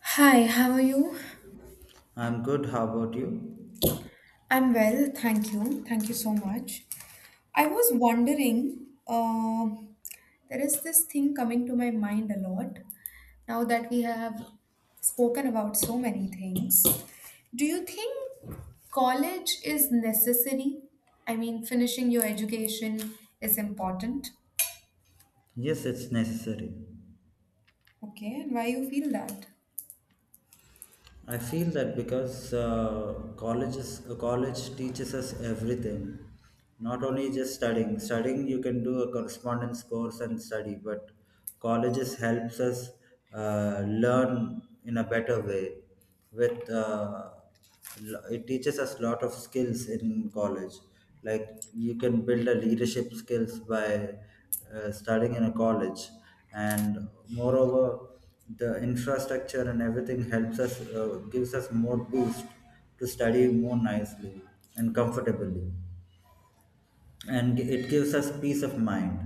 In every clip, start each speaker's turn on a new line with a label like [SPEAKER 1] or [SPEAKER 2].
[SPEAKER 1] Hi, how are you?
[SPEAKER 2] I'm good. How about you?
[SPEAKER 1] I'm well, thank you. Thank you so much. I was wondering, there is this thing coming to my mind a lot now that we have spoken about so many things. Do you think college is necessary? I mean, finishing your education is important.
[SPEAKER 2] Yes, it's necessary.
[SPEAKER 1] Okay, and why you feel that?
[SPEAKER 2] I feel that because college teaches us everything. Not only just studying. Studying, you can do a correspondence course and study, but colleges helps us learn in a better way with uh, it teaches us a lot of skills in college, like you can build a leadership skills by studying in a college. And moreover, the infrastructure and everything helps us, gives us more boost to study more nicely and comfortably, and it gives us peace of mind.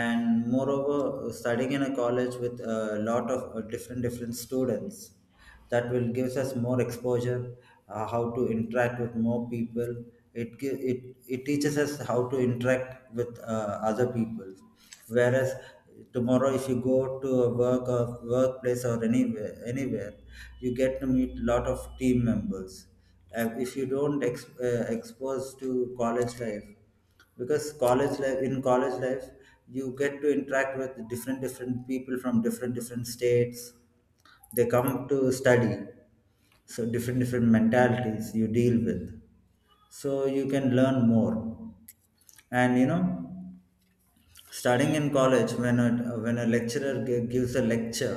[SPEAKER 2] And moreover, studying in a college with a lot of different different students, that will gives us more exposure, how to interact with more people. It gi- it it teaches us how to interact with other people. Whereas tomorrow, if you go to a work or workplace or anywhere, you get to meet lot of team members. If you don't expose to college life, because college life, you get to interact with different different people from different different states. They come to study, so different different mentalities you deal with, so you can learn more. And you know, starting in college, when a lecturer gives a lecture,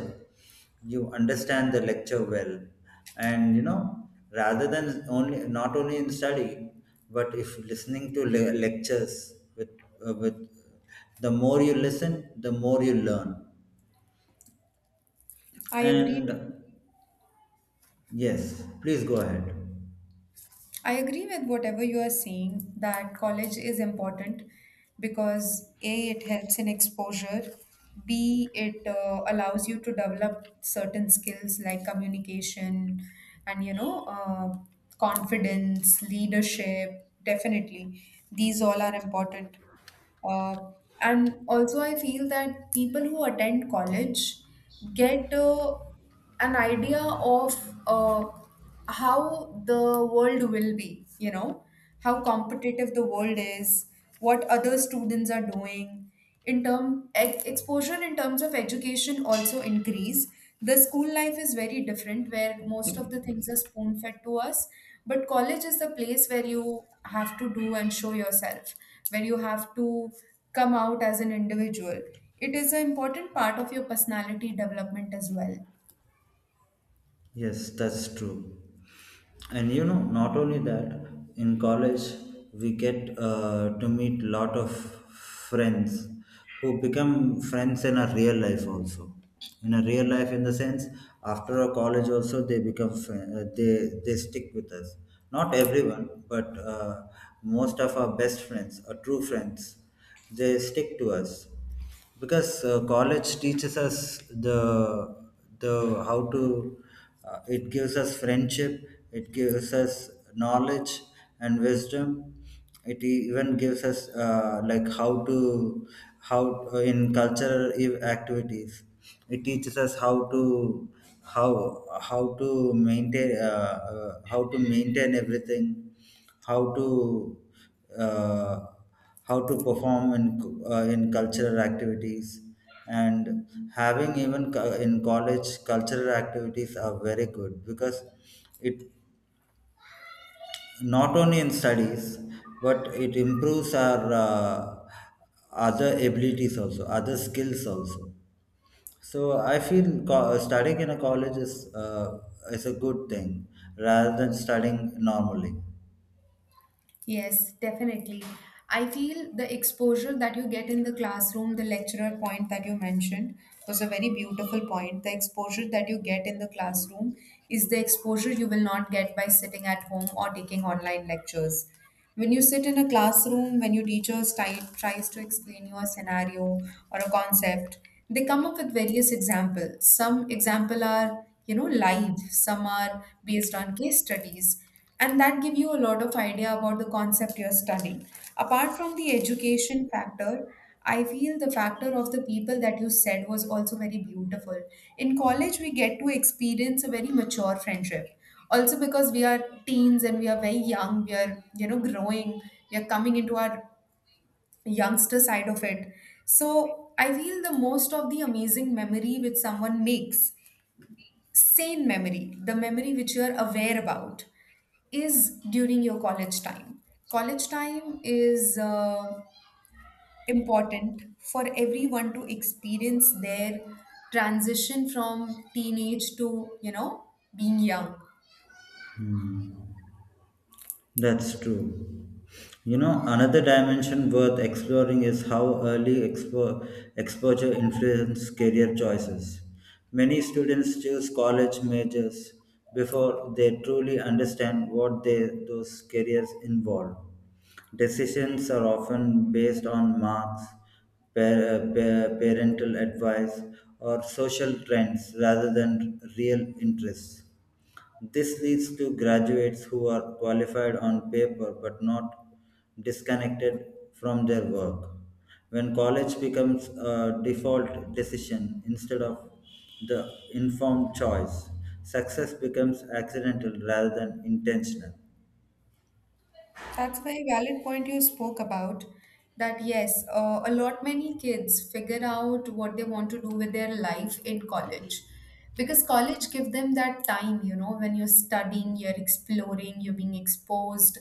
[SPEAKER 2] you understand the lecture well. And you know, rather than only not only in studying, but if listening to lectures with, the more you listen, the more you learn.
[SPEAKER 1] I agree
[SPEAKER 2] And yes, please go ahead.
[SPEAKER 1] I agree with whatever you are saying that college is important because A, it helps in exposure, B, it allows you to develop certain skills like communication and you know, confidence, leadership. Definitely, these all are important. Uh, and also, I feel that people who attend college get an idea of uh, how the world will be, you know, how competitive the world is, what other students are doing in term exposure in terms of education also increase. The school life is very different where most of the things are spoon fed to us, but college is the place where you have to do and show yourself, where you have to come out as an individual. It is an important part of your personality development as well.
[SPEAKER 2] Yes, that's true. And you know, not only that, in college we get to meet lot of friends who become friends in a real life also. In a real life, in the sense, after a college also they become friend, they stick with us. Not everyone, but most of our best friends, our true friends, they stick to us. Because college teaches us the how to, it gives us friendship, it gives us knowledge and wisdom. It even gives us, like how to how in cultural activities, it teaches us how how to maintain everything, how to, uh, how to perform in cultural activities. And having even in college, cultural activities are very good, because it, not only in studies, but it improves our other abilities also, other skills also. So I feel studying in a college is a good thing rather than studying normally.
[SPEAKER 1] Yes, definitely. I feel the exposure that you get in the classroom, the lecturer point that you mentioned was a very beautiful point. The exposure that you get in the classroom is the exposure you will not get by sitting at home or taking online lectures. When you sit in a classroom, when your teacher tries to explain you a scenario or a concept, they come up with various examples. Some example are, you know, live, some are based on case studies and that give you a lot of idea about the concept you're studying apart from the education factor. I feel the factor of the people that you said was also very beautiful. In college we get to experience a very mature friendship also because we are teens and we are very young, we are, you know, growing, we are coming into our youngster side of it. So I feel the most of the amazing memory which someone makes, sane memory, the memory which you are aware about, is during your college time. College time is important for everyone to experience their transition from teenage to, you know, being young.
[SPEAKER 2] Hmm. That's true. You know, another dimension worth exploring is how early exposure influences career choices. Many students choose college majors before they truly understand what they, those careers involve. Decisions are often based on marks, parental advice, or social trends rather than real interests. This leads to graduates who are qualified on paper but not disconnected from their work. When college becomes a default decision instead of the informed choice, success becomes accidental rather than intentional.
[SPEAKER 1] That's a very valid point you spoke about. That yes, a lot many kids figure out what they want to do with their life in college, because college give them that time. You know, when you're studying, you're exploring, you're being exposed.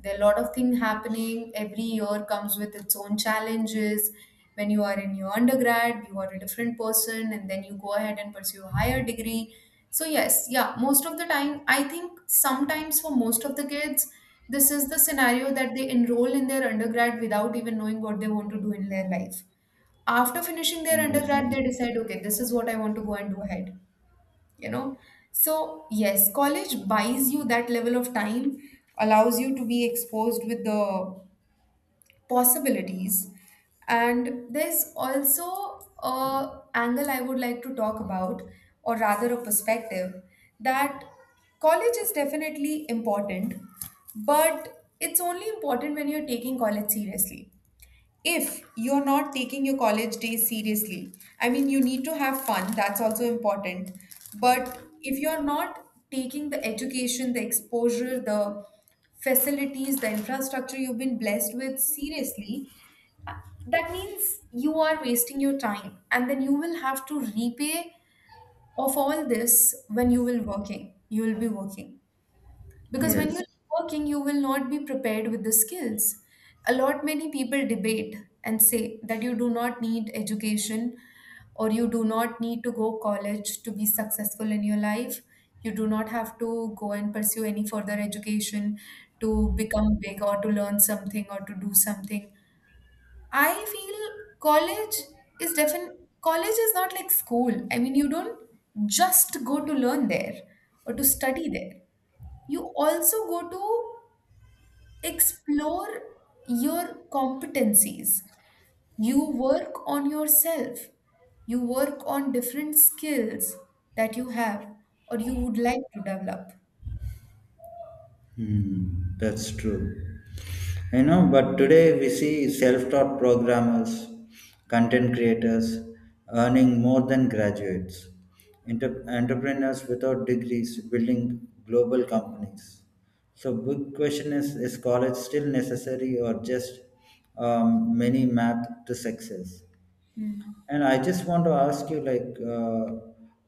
[SPEAKER 1] There are a lot of things happening. Every year comes with its own challenges. When you are in your undergrad, you are a different person, and then you go ahead and pursue a higher degree. So yes, yeah, most of the time, I think sometimes for most of the kids, this is the scenario that they enroll in their undergrad without even knowing what they want to do in their life. After finishing their
[SPEAKER 2] Yes.
[SPEAKER 1] undergrad, they decide, okay, this is what I want to go and do ahead, you know? So yes, college buys you that level of time, allows you to be exposed with the possibilities. And there's also a angle I would like to talk about, or rather a perspective, that college is definitely important, but it's only important when you're taking college seriously. If you're not taking your college days seriously, I mean, you need to have fun, that's also important, but if you're not taking the education, the exposure, the facilities, the infrastructure you've been blessed with seriously, uh, that means you are wasting your time and then you will have to repay of all this when you will working, you will be working. Because when you're
[SPEAKER 2] Yes.
[SPEAKER 1] working, you will not be prepared with the skills. A lot many people debate and say that you do not need education or you do not need to go college to be successful in your life. You do not have to go and pursue any further education to become big or to learn something or to do something. I feel college is definite. College is not like school. I mean, you don't just go to learn there or to study there. You also go to explore your competencies. You work on yourself. You work on different skills that you have or you would like to develop.
[SPEAKER 2] Hmm, that's true. You know, but today we see self taught programmers, content creators earning more than graduates, entrepreneurs without degrees building global companies. So, big question is college still necessary, or just many math to success? And I just want to ask you, like,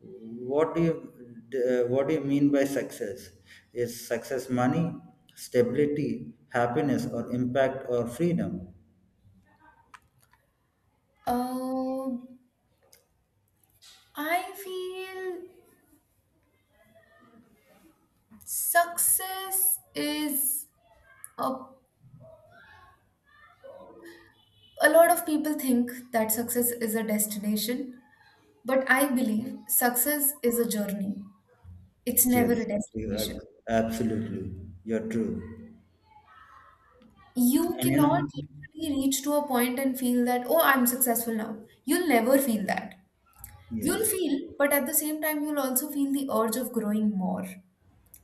[SPEAKER 2] what do you what do you mean by success? Is success money, stability, happiness, or impact or freedom?
[SPEAKER 1] Um, I feel success is a, a lot of people think that success is a destination, but I believe success is a journey. It's never
[SPEAKER 2] Yes,
[SPEAKER 1] a
[SPEAKER 2] you
[SPEAKER 1] destination.
[SPEAKER 2] are- absolutely, you're true.
[SPEAKER 1] You
[SPEAKER 2] And you know,
[SPEAKER 1] cannot literally reach to a point and feel that, oh, I'm successful now. You'll never feel that. You'll
[SPEAKER 2] yes,
[SPEAKER 1] feel, but at the same time you'll also feel the urge of growing more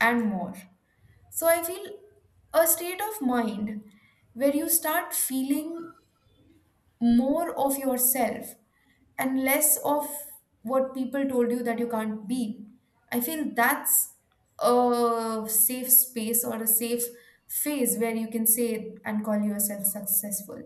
[SPEAKER 1] and more. So I feel a state of mind where you start feeling more of yourself and less of what people told you that you can't be, I feel that's a safe space or a safe phase where you can say and call yourself successful.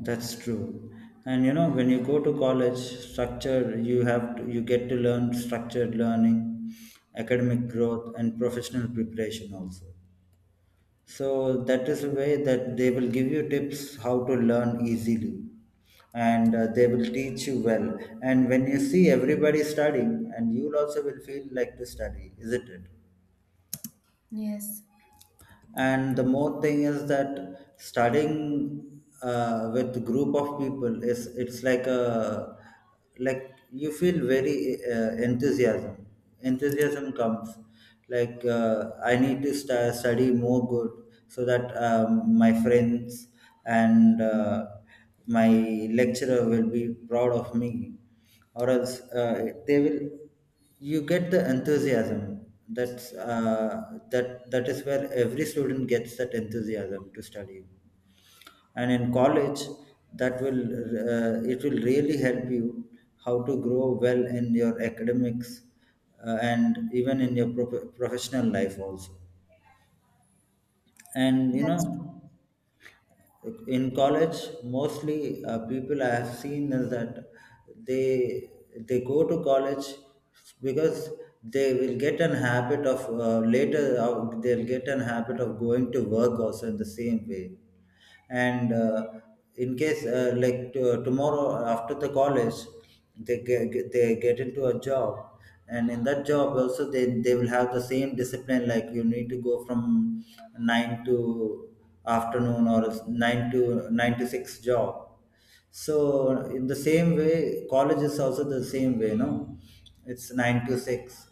[SPEAKER 2] that's true. And you know, when you go to college, structure you have to, you get to learn structured learning, academic growth, and professional preparation also. So that is the way that they will give you tips how to learn easily, and they will teach you well. And when you see everybody studying, and you also will feel like to study, isn't it?
[SPEAKER 1] Yes,
[SPEAKER 2] And the more thing is that studying with group of people is, it's like a, like you feel very enthusiasm comes, like I need to study more good, so that my friends and my lecturer will be proud of me. Or else they will you get the enthusiasm, that is where every student gets that enthusiasm to study. And in college, that will it will really help you how to grow well in your academics, and even in your professional life also. And you
[SPEAKER 1] that's
[SPEAKER 2] know, in college mostly people I have seen is that they they go to college because they will get an habit of, later they'll get an habit of going to work also in the same way. And in case tomorrow after the college, they get into a job. And in that job also, they will have the same discipline, like you need to go from 9 to afternoon, or 9 to 6 job. So in the same way, college is also the same way, no? It's nine to six,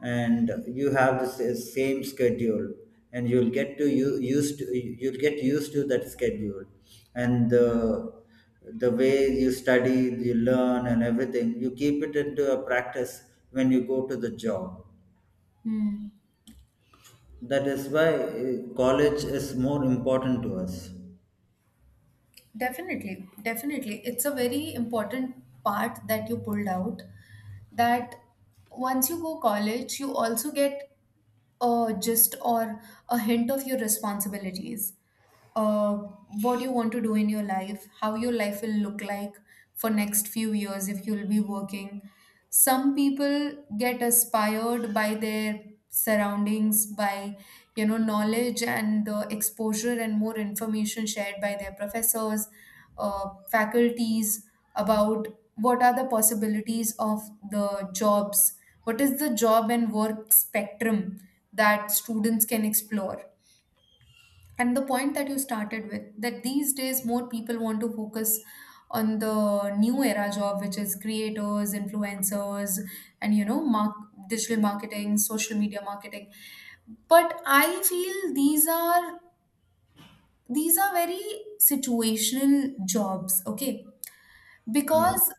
[SPEAKER 2] and you have the same schedule, and you'll get to you'll get used to that schedule. And the way you study, you learn, and everything, you keep it into a practice when you go to the job.
[SPEAKER 1] true. Hmm.
[SPEAKER 2] That is why college is more important to us.
[SPEAKER 1] Definitely, definitely. It's a very important part that you pulled out, that once you go college, you also get just or a hint of your responsibilities, uh, what you want to do in your life, how your life will look like for next few years if you'll be working. Some people get inspired by their surroundings, by, you know, knowledge and the exposure and more information shared by their professors, faculties, about what are the possibilities of the jobs, what is the job and work spectrum that students can explore. And the point that you started with, that these days more people want to focus on the new era job, which is creators, influencers, and you know, mark, digital marketing, social media marketing. But I feel these are, these are very situational jobs, okay,
[SPEAKER 2] Yes.
[SPEAKER 1] because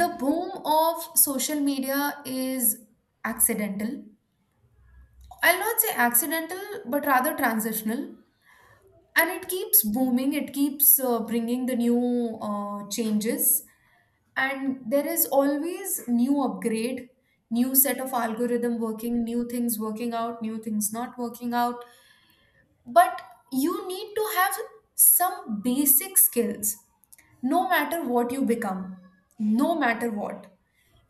[SPEAKER 1] the boom of social media is accidental. I'll not say accidental, but rather transitional. And it keeps booming, it keeps bringing the new changes. And there is always new upgrade, new set of algorithm working, new things working out, new things not working out. But you need to have some basic skills, no matter what you become, no matter what.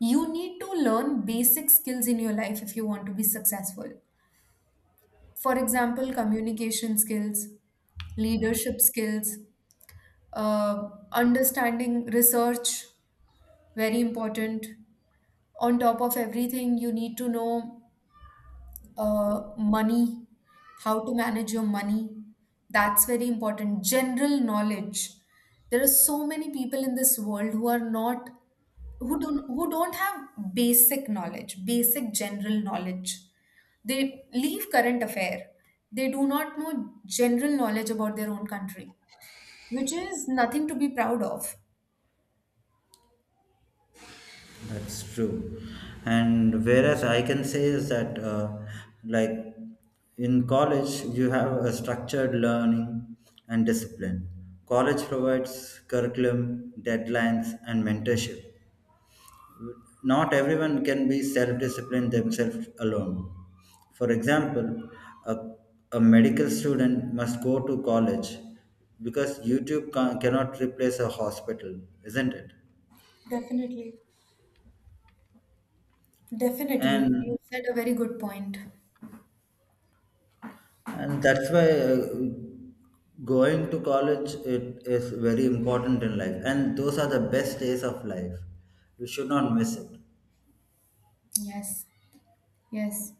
[SPEAKER 1] You need to learn basic skills in your life if you want to be successful. For example, communication skills, leadership skills, understanding research, very important. On top of everything, you need to know money, how to manage your money. That's very important. General knowledge. There are so many people in this world who are not, who don't have basic knowledge, basic general knowledge. They leave current affair. They do not know general knowledge about their own country, which is nothing to be proud of.
[SPEAKER 2] That's true. And whereas I can say is that, like in college, you have a structured learning and discipline. College provides curriculum, deadlines, and mentorship. Not everyone can be self disciplined themselves alone. For example, a, a medical student must go to college because YouTube cannot replace a hospital, isn't it?
[SPEAKER 1] Definitely. Definitely.
[SPEAKER 2] And
[SPEAKER 1] You said a very good point.
[SPEAKER 2] and that's why going to college, it is very important in life, and those are the best days of life, we should not miss it.
[SPEAKER 1] Yes. Yes.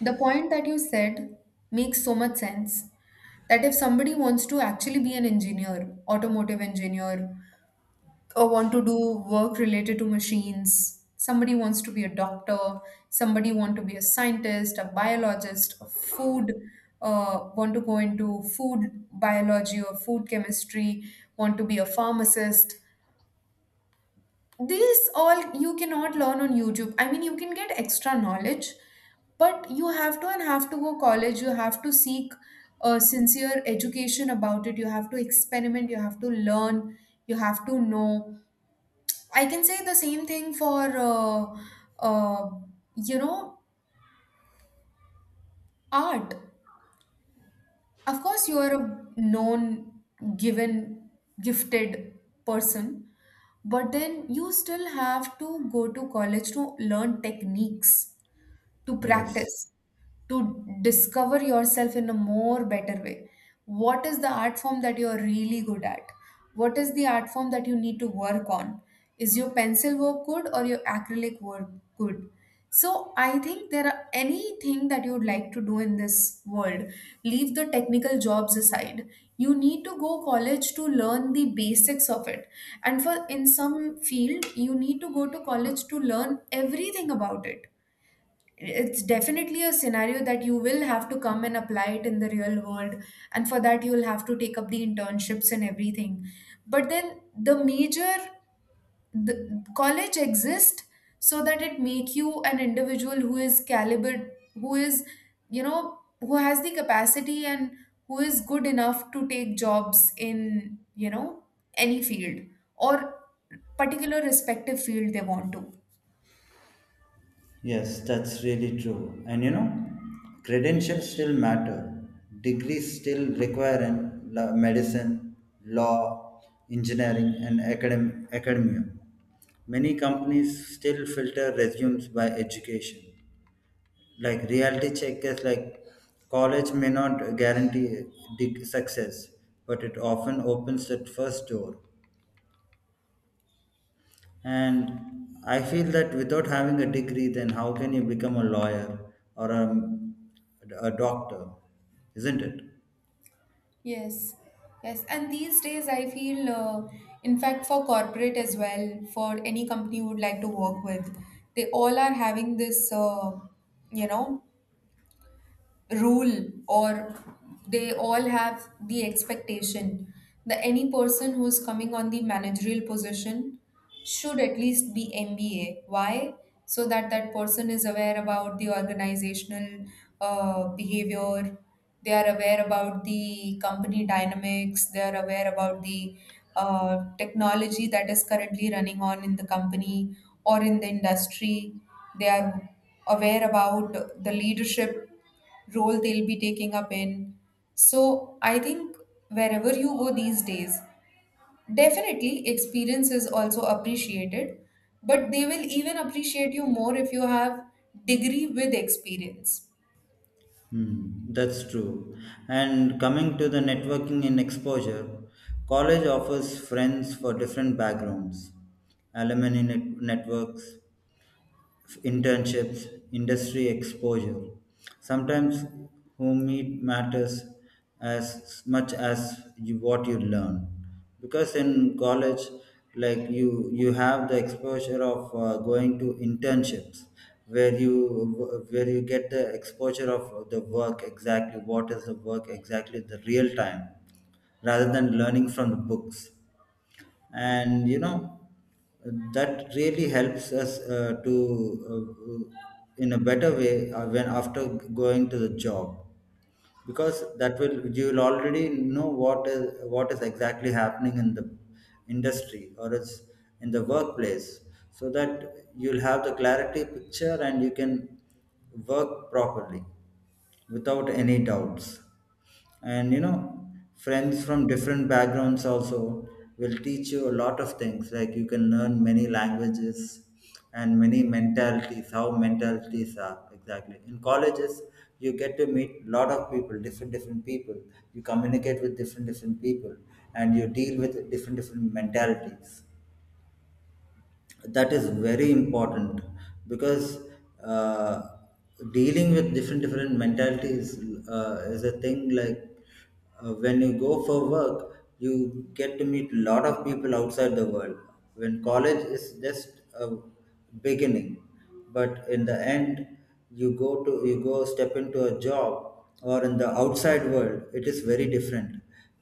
[SPEAKER 1] The point that you said makes so much sense, that if somebody wants to actually be an engineer, automotive engineer, or want to do work related to machines, somebody wants to be a doctor, somebody want to be a scientist, a biologist, a food, want to go into food biology or food chemistry, want to be a pharmacist. This all you cannot learn on YouTube. I mean, you can get extra knowledge, but you have to and have to go college. You have to seek a sincere education about it. You have to experiment. You have to learn. You have to know. I can say the same thing for, uh, you know, art. Of course, you are a known, given, gifted person, but then you still have to go to college to learn techniques, to
[SPEAKER 2] Yes.
[SPEAKER 1] practice, to discover yourself in a more better way. What is the art form that you're really good at? What is the art form that you need to work on? Is your pencil work good or your acrylic work good? So I think there are anything that you would like to do in this world. Leave the technical jobs aside. You need to go college to learn the basics of it. And for in some field, you need to go to college to learn everything about it. It's definitely a scenario that you will have to come and apply it in the real world, and for that you will have to take up the internships and everything. But then the major, the college exists so that it make you an individual who is caliber, who is, you know, who has the capacity and who is good enough to take jobs in, you know, any field or particular respective field they want to.
[SPEAKER 2] Yes, that's really true. And you know, credentials still matter. Degrees still require in medicine, law, engineering, and academia. Many companies still filter resumes by education. Like reality check is like college may not guarantee success, but it often opens that first door. And I feel that without having a degree, then how can you become a lawyer or a doctor? Isn't it?
[SPEAKER 1] Yes, yes. And these days, I feel, in fact, for corporate as well, for any company you would like to work with, they all are having this, you know, rule, or they all have the expectation that any person who's coming on the managerial position should at least be MBA. Why? So that that person is aware about the organizational behavior. They are aware about the company dynamics. They are aware about the technology that is currently running on in the company or in the industry. They are aware about the leadership role they'll be taking up in. So I think wherever you go these days, definitely experience is also appreciated, but they will even appreciate you more if you have degree with experience.
[SPEAKER 2] Hmm, that's true. And coming to the networking and exposure, college offers friends for different backgrounds, alumni networks, internships, industry exposure. Sometimes whom it matters as much as you, what you learn. Because in college, like you have the exposure of going to internships, where you get the exposure of the work, exactly what is the work, exactly the real time, rather than learning from the books. And you know, that really helps us to uh, in a better way, when after going to the job, because that will, you will already know what is exactly happening in the industry, or it's in the workplace, so that you'll have the clarity picture and you can work properly without any doubts. And you know, friends from different backgrounds also will teach you a lot of things. Like you can learn many languages and many mentalities, how mentalities are exactly. In colleges, you get to meet lot of people, different different people. You communicate with different different people, and you deal with different different mentalities. That is very important, because uh, dealing with different different mentalities is a thing. Like when you go for work, you get to meet a lot of people outside the world. When college is just a beginning, but in the end you go step into a job, or in the outside world, it is very different.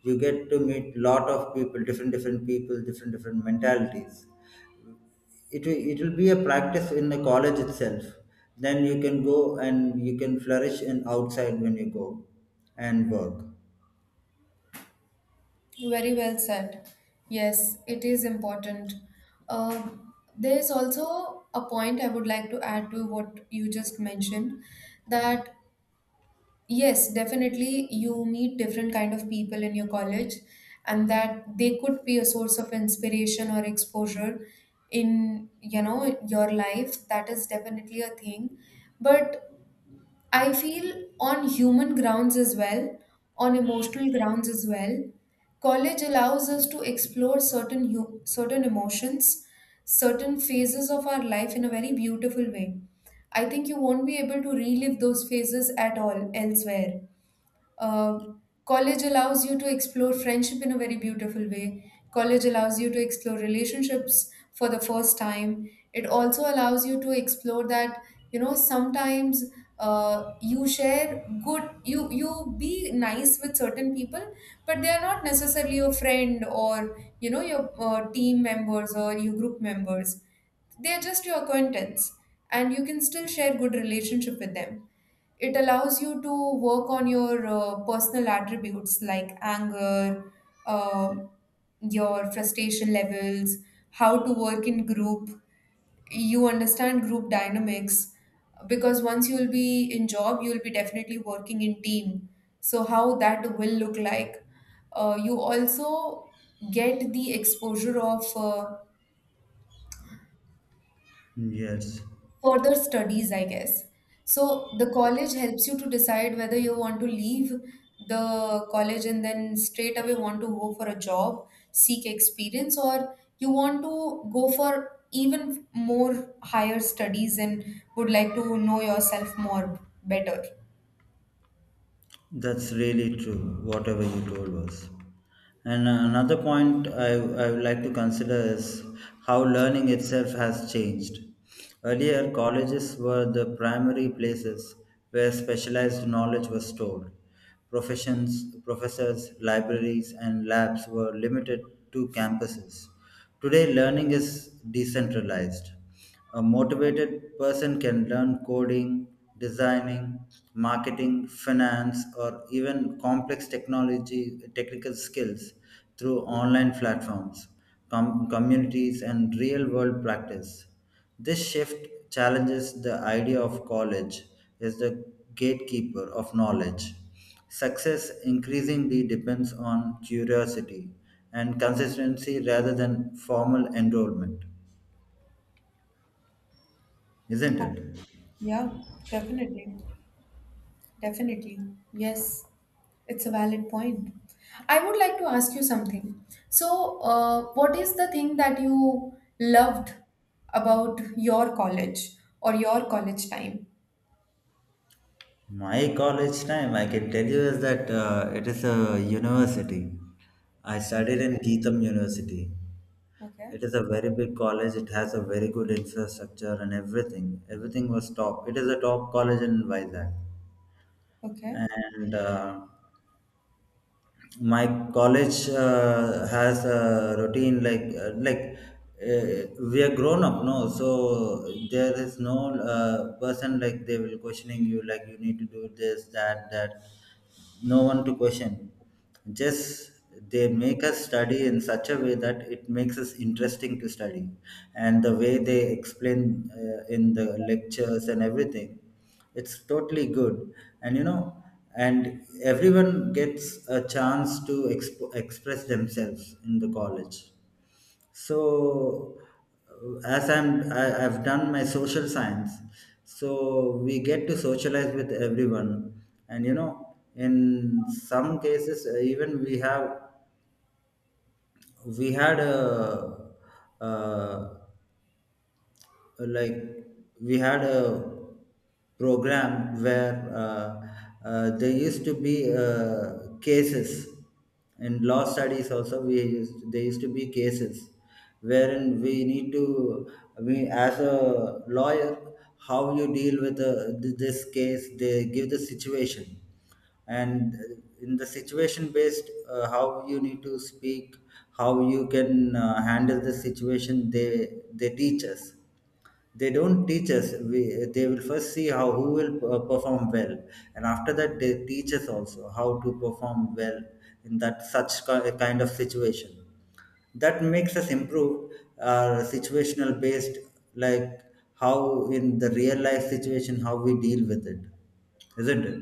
[SPEAKER 2] You get to meet lot of people, different different people, different different mentalities. It will be a practice in the college itself, then you can go and you can flourish in outside when you go and work.
[SPEAKER 1] Very well said. Yes, it is important. There is also a point I would like to add to what you just mentioned that yes, definitely. You meet different kind of people in your college, and that they could be a source of inspiration or exposure in, you know, your life. That is definitely a thing. But I feel on human grounds as well, on emotional grounds as well, college allows us to explore certain emotions, certain phases of our life in a very beautiful way. I think you won't be able to relive those phases at all elsewhere. College allows you to explore friendship in a very beautiful way. College allows you to explore relationships for the first time. It also allows you to explore that, you know, sometimes you share good, you be nice with certain people, but they are not necessarily your friend or, you know, your team members or your group members. They are just your acquaintance, and you can still share good relationship with them. It allows you to work on your personal attributes like anger, uh, your frustration levels, how to work in group. You understand group dynamics because once you'll be in job, you'll be definitely working in team. So how that will look like. You also get the exposure of
[SPEAKER 2] Yes,
[SPEAKER 1] further studies, I guess. So the college helps you to decide whether you want to leave the college and then straight away want to go for a job, seek experience, or you want to go for even more higher studies and would like to know yourself more better.
[SPEAKER 2] that's really true, whatever you told us. And another point I would like to consider is how learning itself has changed. Earlier, colleges were the primary places where specialized knowledge was stored. Professions, professors, libraries, and labs were limited to campuses. Today, learning is decentralized. A motivated person can learn coding, designing, marketing, finance, or even complex technology technical skills through online platforms, communities, and real world practice. This shift challenges the idea of college as the gatekeeper of knowledge. Success increasingly depends on curiosity and consistency rather than formal enrollment, isn't it?
[SPEAKER 1] Yeah, definitely. Definitely. Yes, it's a valid point. I would like to ask you something. So, what is the thing that you loved about your college or your college time?
[SPEAKER 2] My college time, I can tell you, is that it is a university. I
[SPEAKER 1] Okay,
[SPEAKER 2] studied in Geetham University.
[SPEAKER 1] okay.
[SPEAKER 2] It is a very big college. It has a very good infrastructure and everything. Everything was top. It is a top college in Vizag.
[SPEAKER 1] Okay.
[SPEAKER 2] And my college has a routine like we are grown up, no? So there is no person like they will questioning you, like you need to do this, that, that. No one to question. Just they make us study in such a way that it makes us interesting to study, and the way they explain in the lectures and everything, it's totally good. And you know, and everyone gets a chance to express themselves in the college. So as I've done my social science, so we get to socialize with everyone. And you know, in some cases even we had a, uh uh, like we had a program where there used to be cases in law studies also, there used to be cases wherein we need to, we as a lawyer, how you deal with this case. They give the situation, and in the situation based, how you need to speak, how you can handle the situation, they teach us. They don't teach us they will first see how, who will perform well. And after that, they teach us also how to perform well in that such kind of situation. That makes us improve our situational based, like how in the real life situation, how we deal with it, isn't it?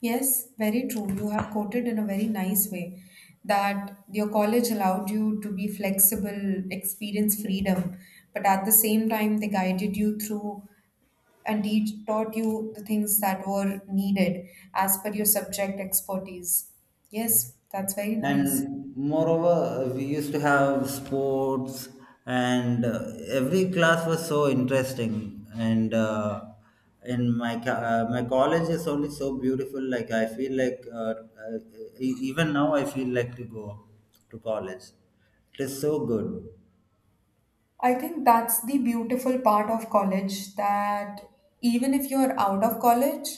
[SPEAKER 1] Yes, very true. You have quoted in a very nice way that your college allowed you to be flexible, experience freedom, but at the same time, they guided you through and he taught you the things that were needed as per your subject expertise. Yes, that's very nice.
[SPEAKER 2] And moreover, we used to have sports. And every class was so interesting. And my college is only so beautiful, like I feel like uh, even now I feel like to go to college, it is so good.
[SPEAKER 1] I think that's the beautiful part of college that even if you're out of college,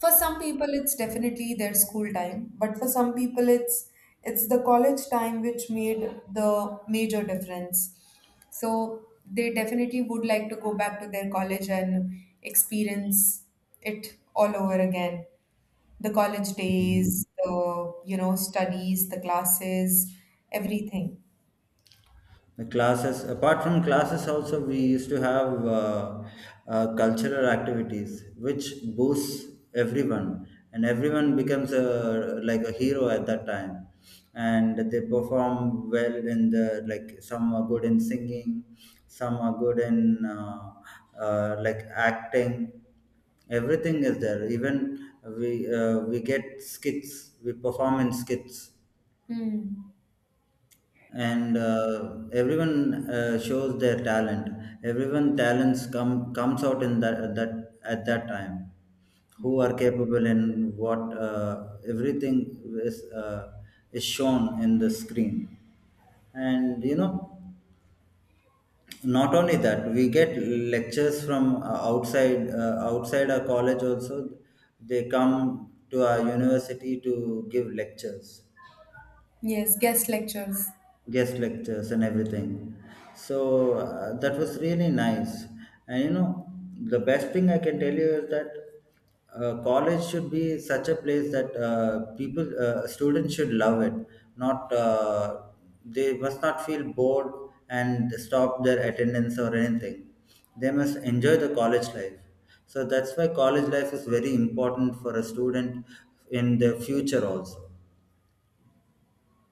[SPEAKER 1] for some people it's definitely their school time, but for some people it's the college time which made the major difference. So they definitely would like to go back to their college and experience it all over again. The college days, the, you know, studies, the classes, everything.
[SPEAKER 2] The classes, apart from classes, also we used to have cultural activities, which boosts everyone, and everyone becomes like a hero at that time. And they perform well in the, like some are good in singing, some are good in like acting. Everything is there. Even we get skits. We perform in skits.
[SPEAKER 1] Hmm.
[SPEAKER 2] And everyone shows their talent, everyone talents comes out in that at that time, who are capable and what, everything is uh, is shown in the screen. And you know, not only that, we get lectures from outside our college also. They come to our university to give lectures,
[SPEAKER 1] Yes, guest lectures.
[SPEAKER 2] guest lectures and everything. So that was really nice. And you know, the best thing I can tell you is that college should be such a place that students should love it. Not they must not feel bored and stop their attendance or anything. They must enjoy the college life. So that's why college life is very important for a student in the future also.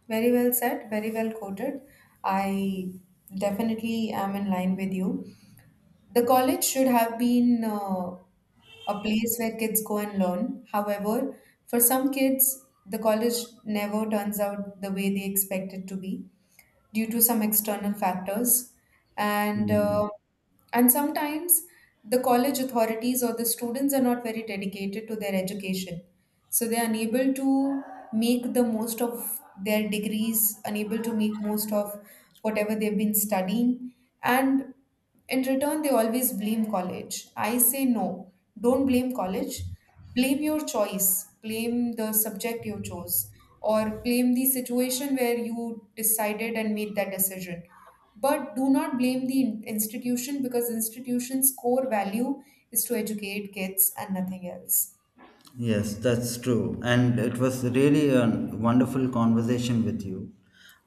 [SPEAKER 1] Very well said, very well quoted. I definitely am in line with you. The college should have been a place where kids go and learn. However, for some kids, the college never turns out the way they expect it to be due to some external factors. And
[SPEAKER 2] Hmm.
[SPEAKER 1] uh, and sometimes the college authorities or the students are not very dedicated to their education. So they are unable to make the most of their degrees, unable to make most of whatever they've been studying. And in return, they always blame college. I say no, don't blame college. Blame your choice, blame the subject you chose, or blame the situation where you decided and made that decision. But do not blame the institution because institution's core value is to educate kids and nothing else.
[SPEAKER 2] Yes, that's true. And it was really a wonderful conversation with you.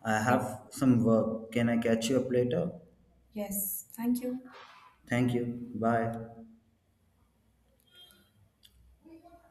[SPEAKER 2] I
[SPEAKER 1] Thank-
[SPEAKER 2] have some work. Can I catch you up later?
[SPEAKER 1] yes, thank you.
[SPEAKER 2] Thank you. Bye.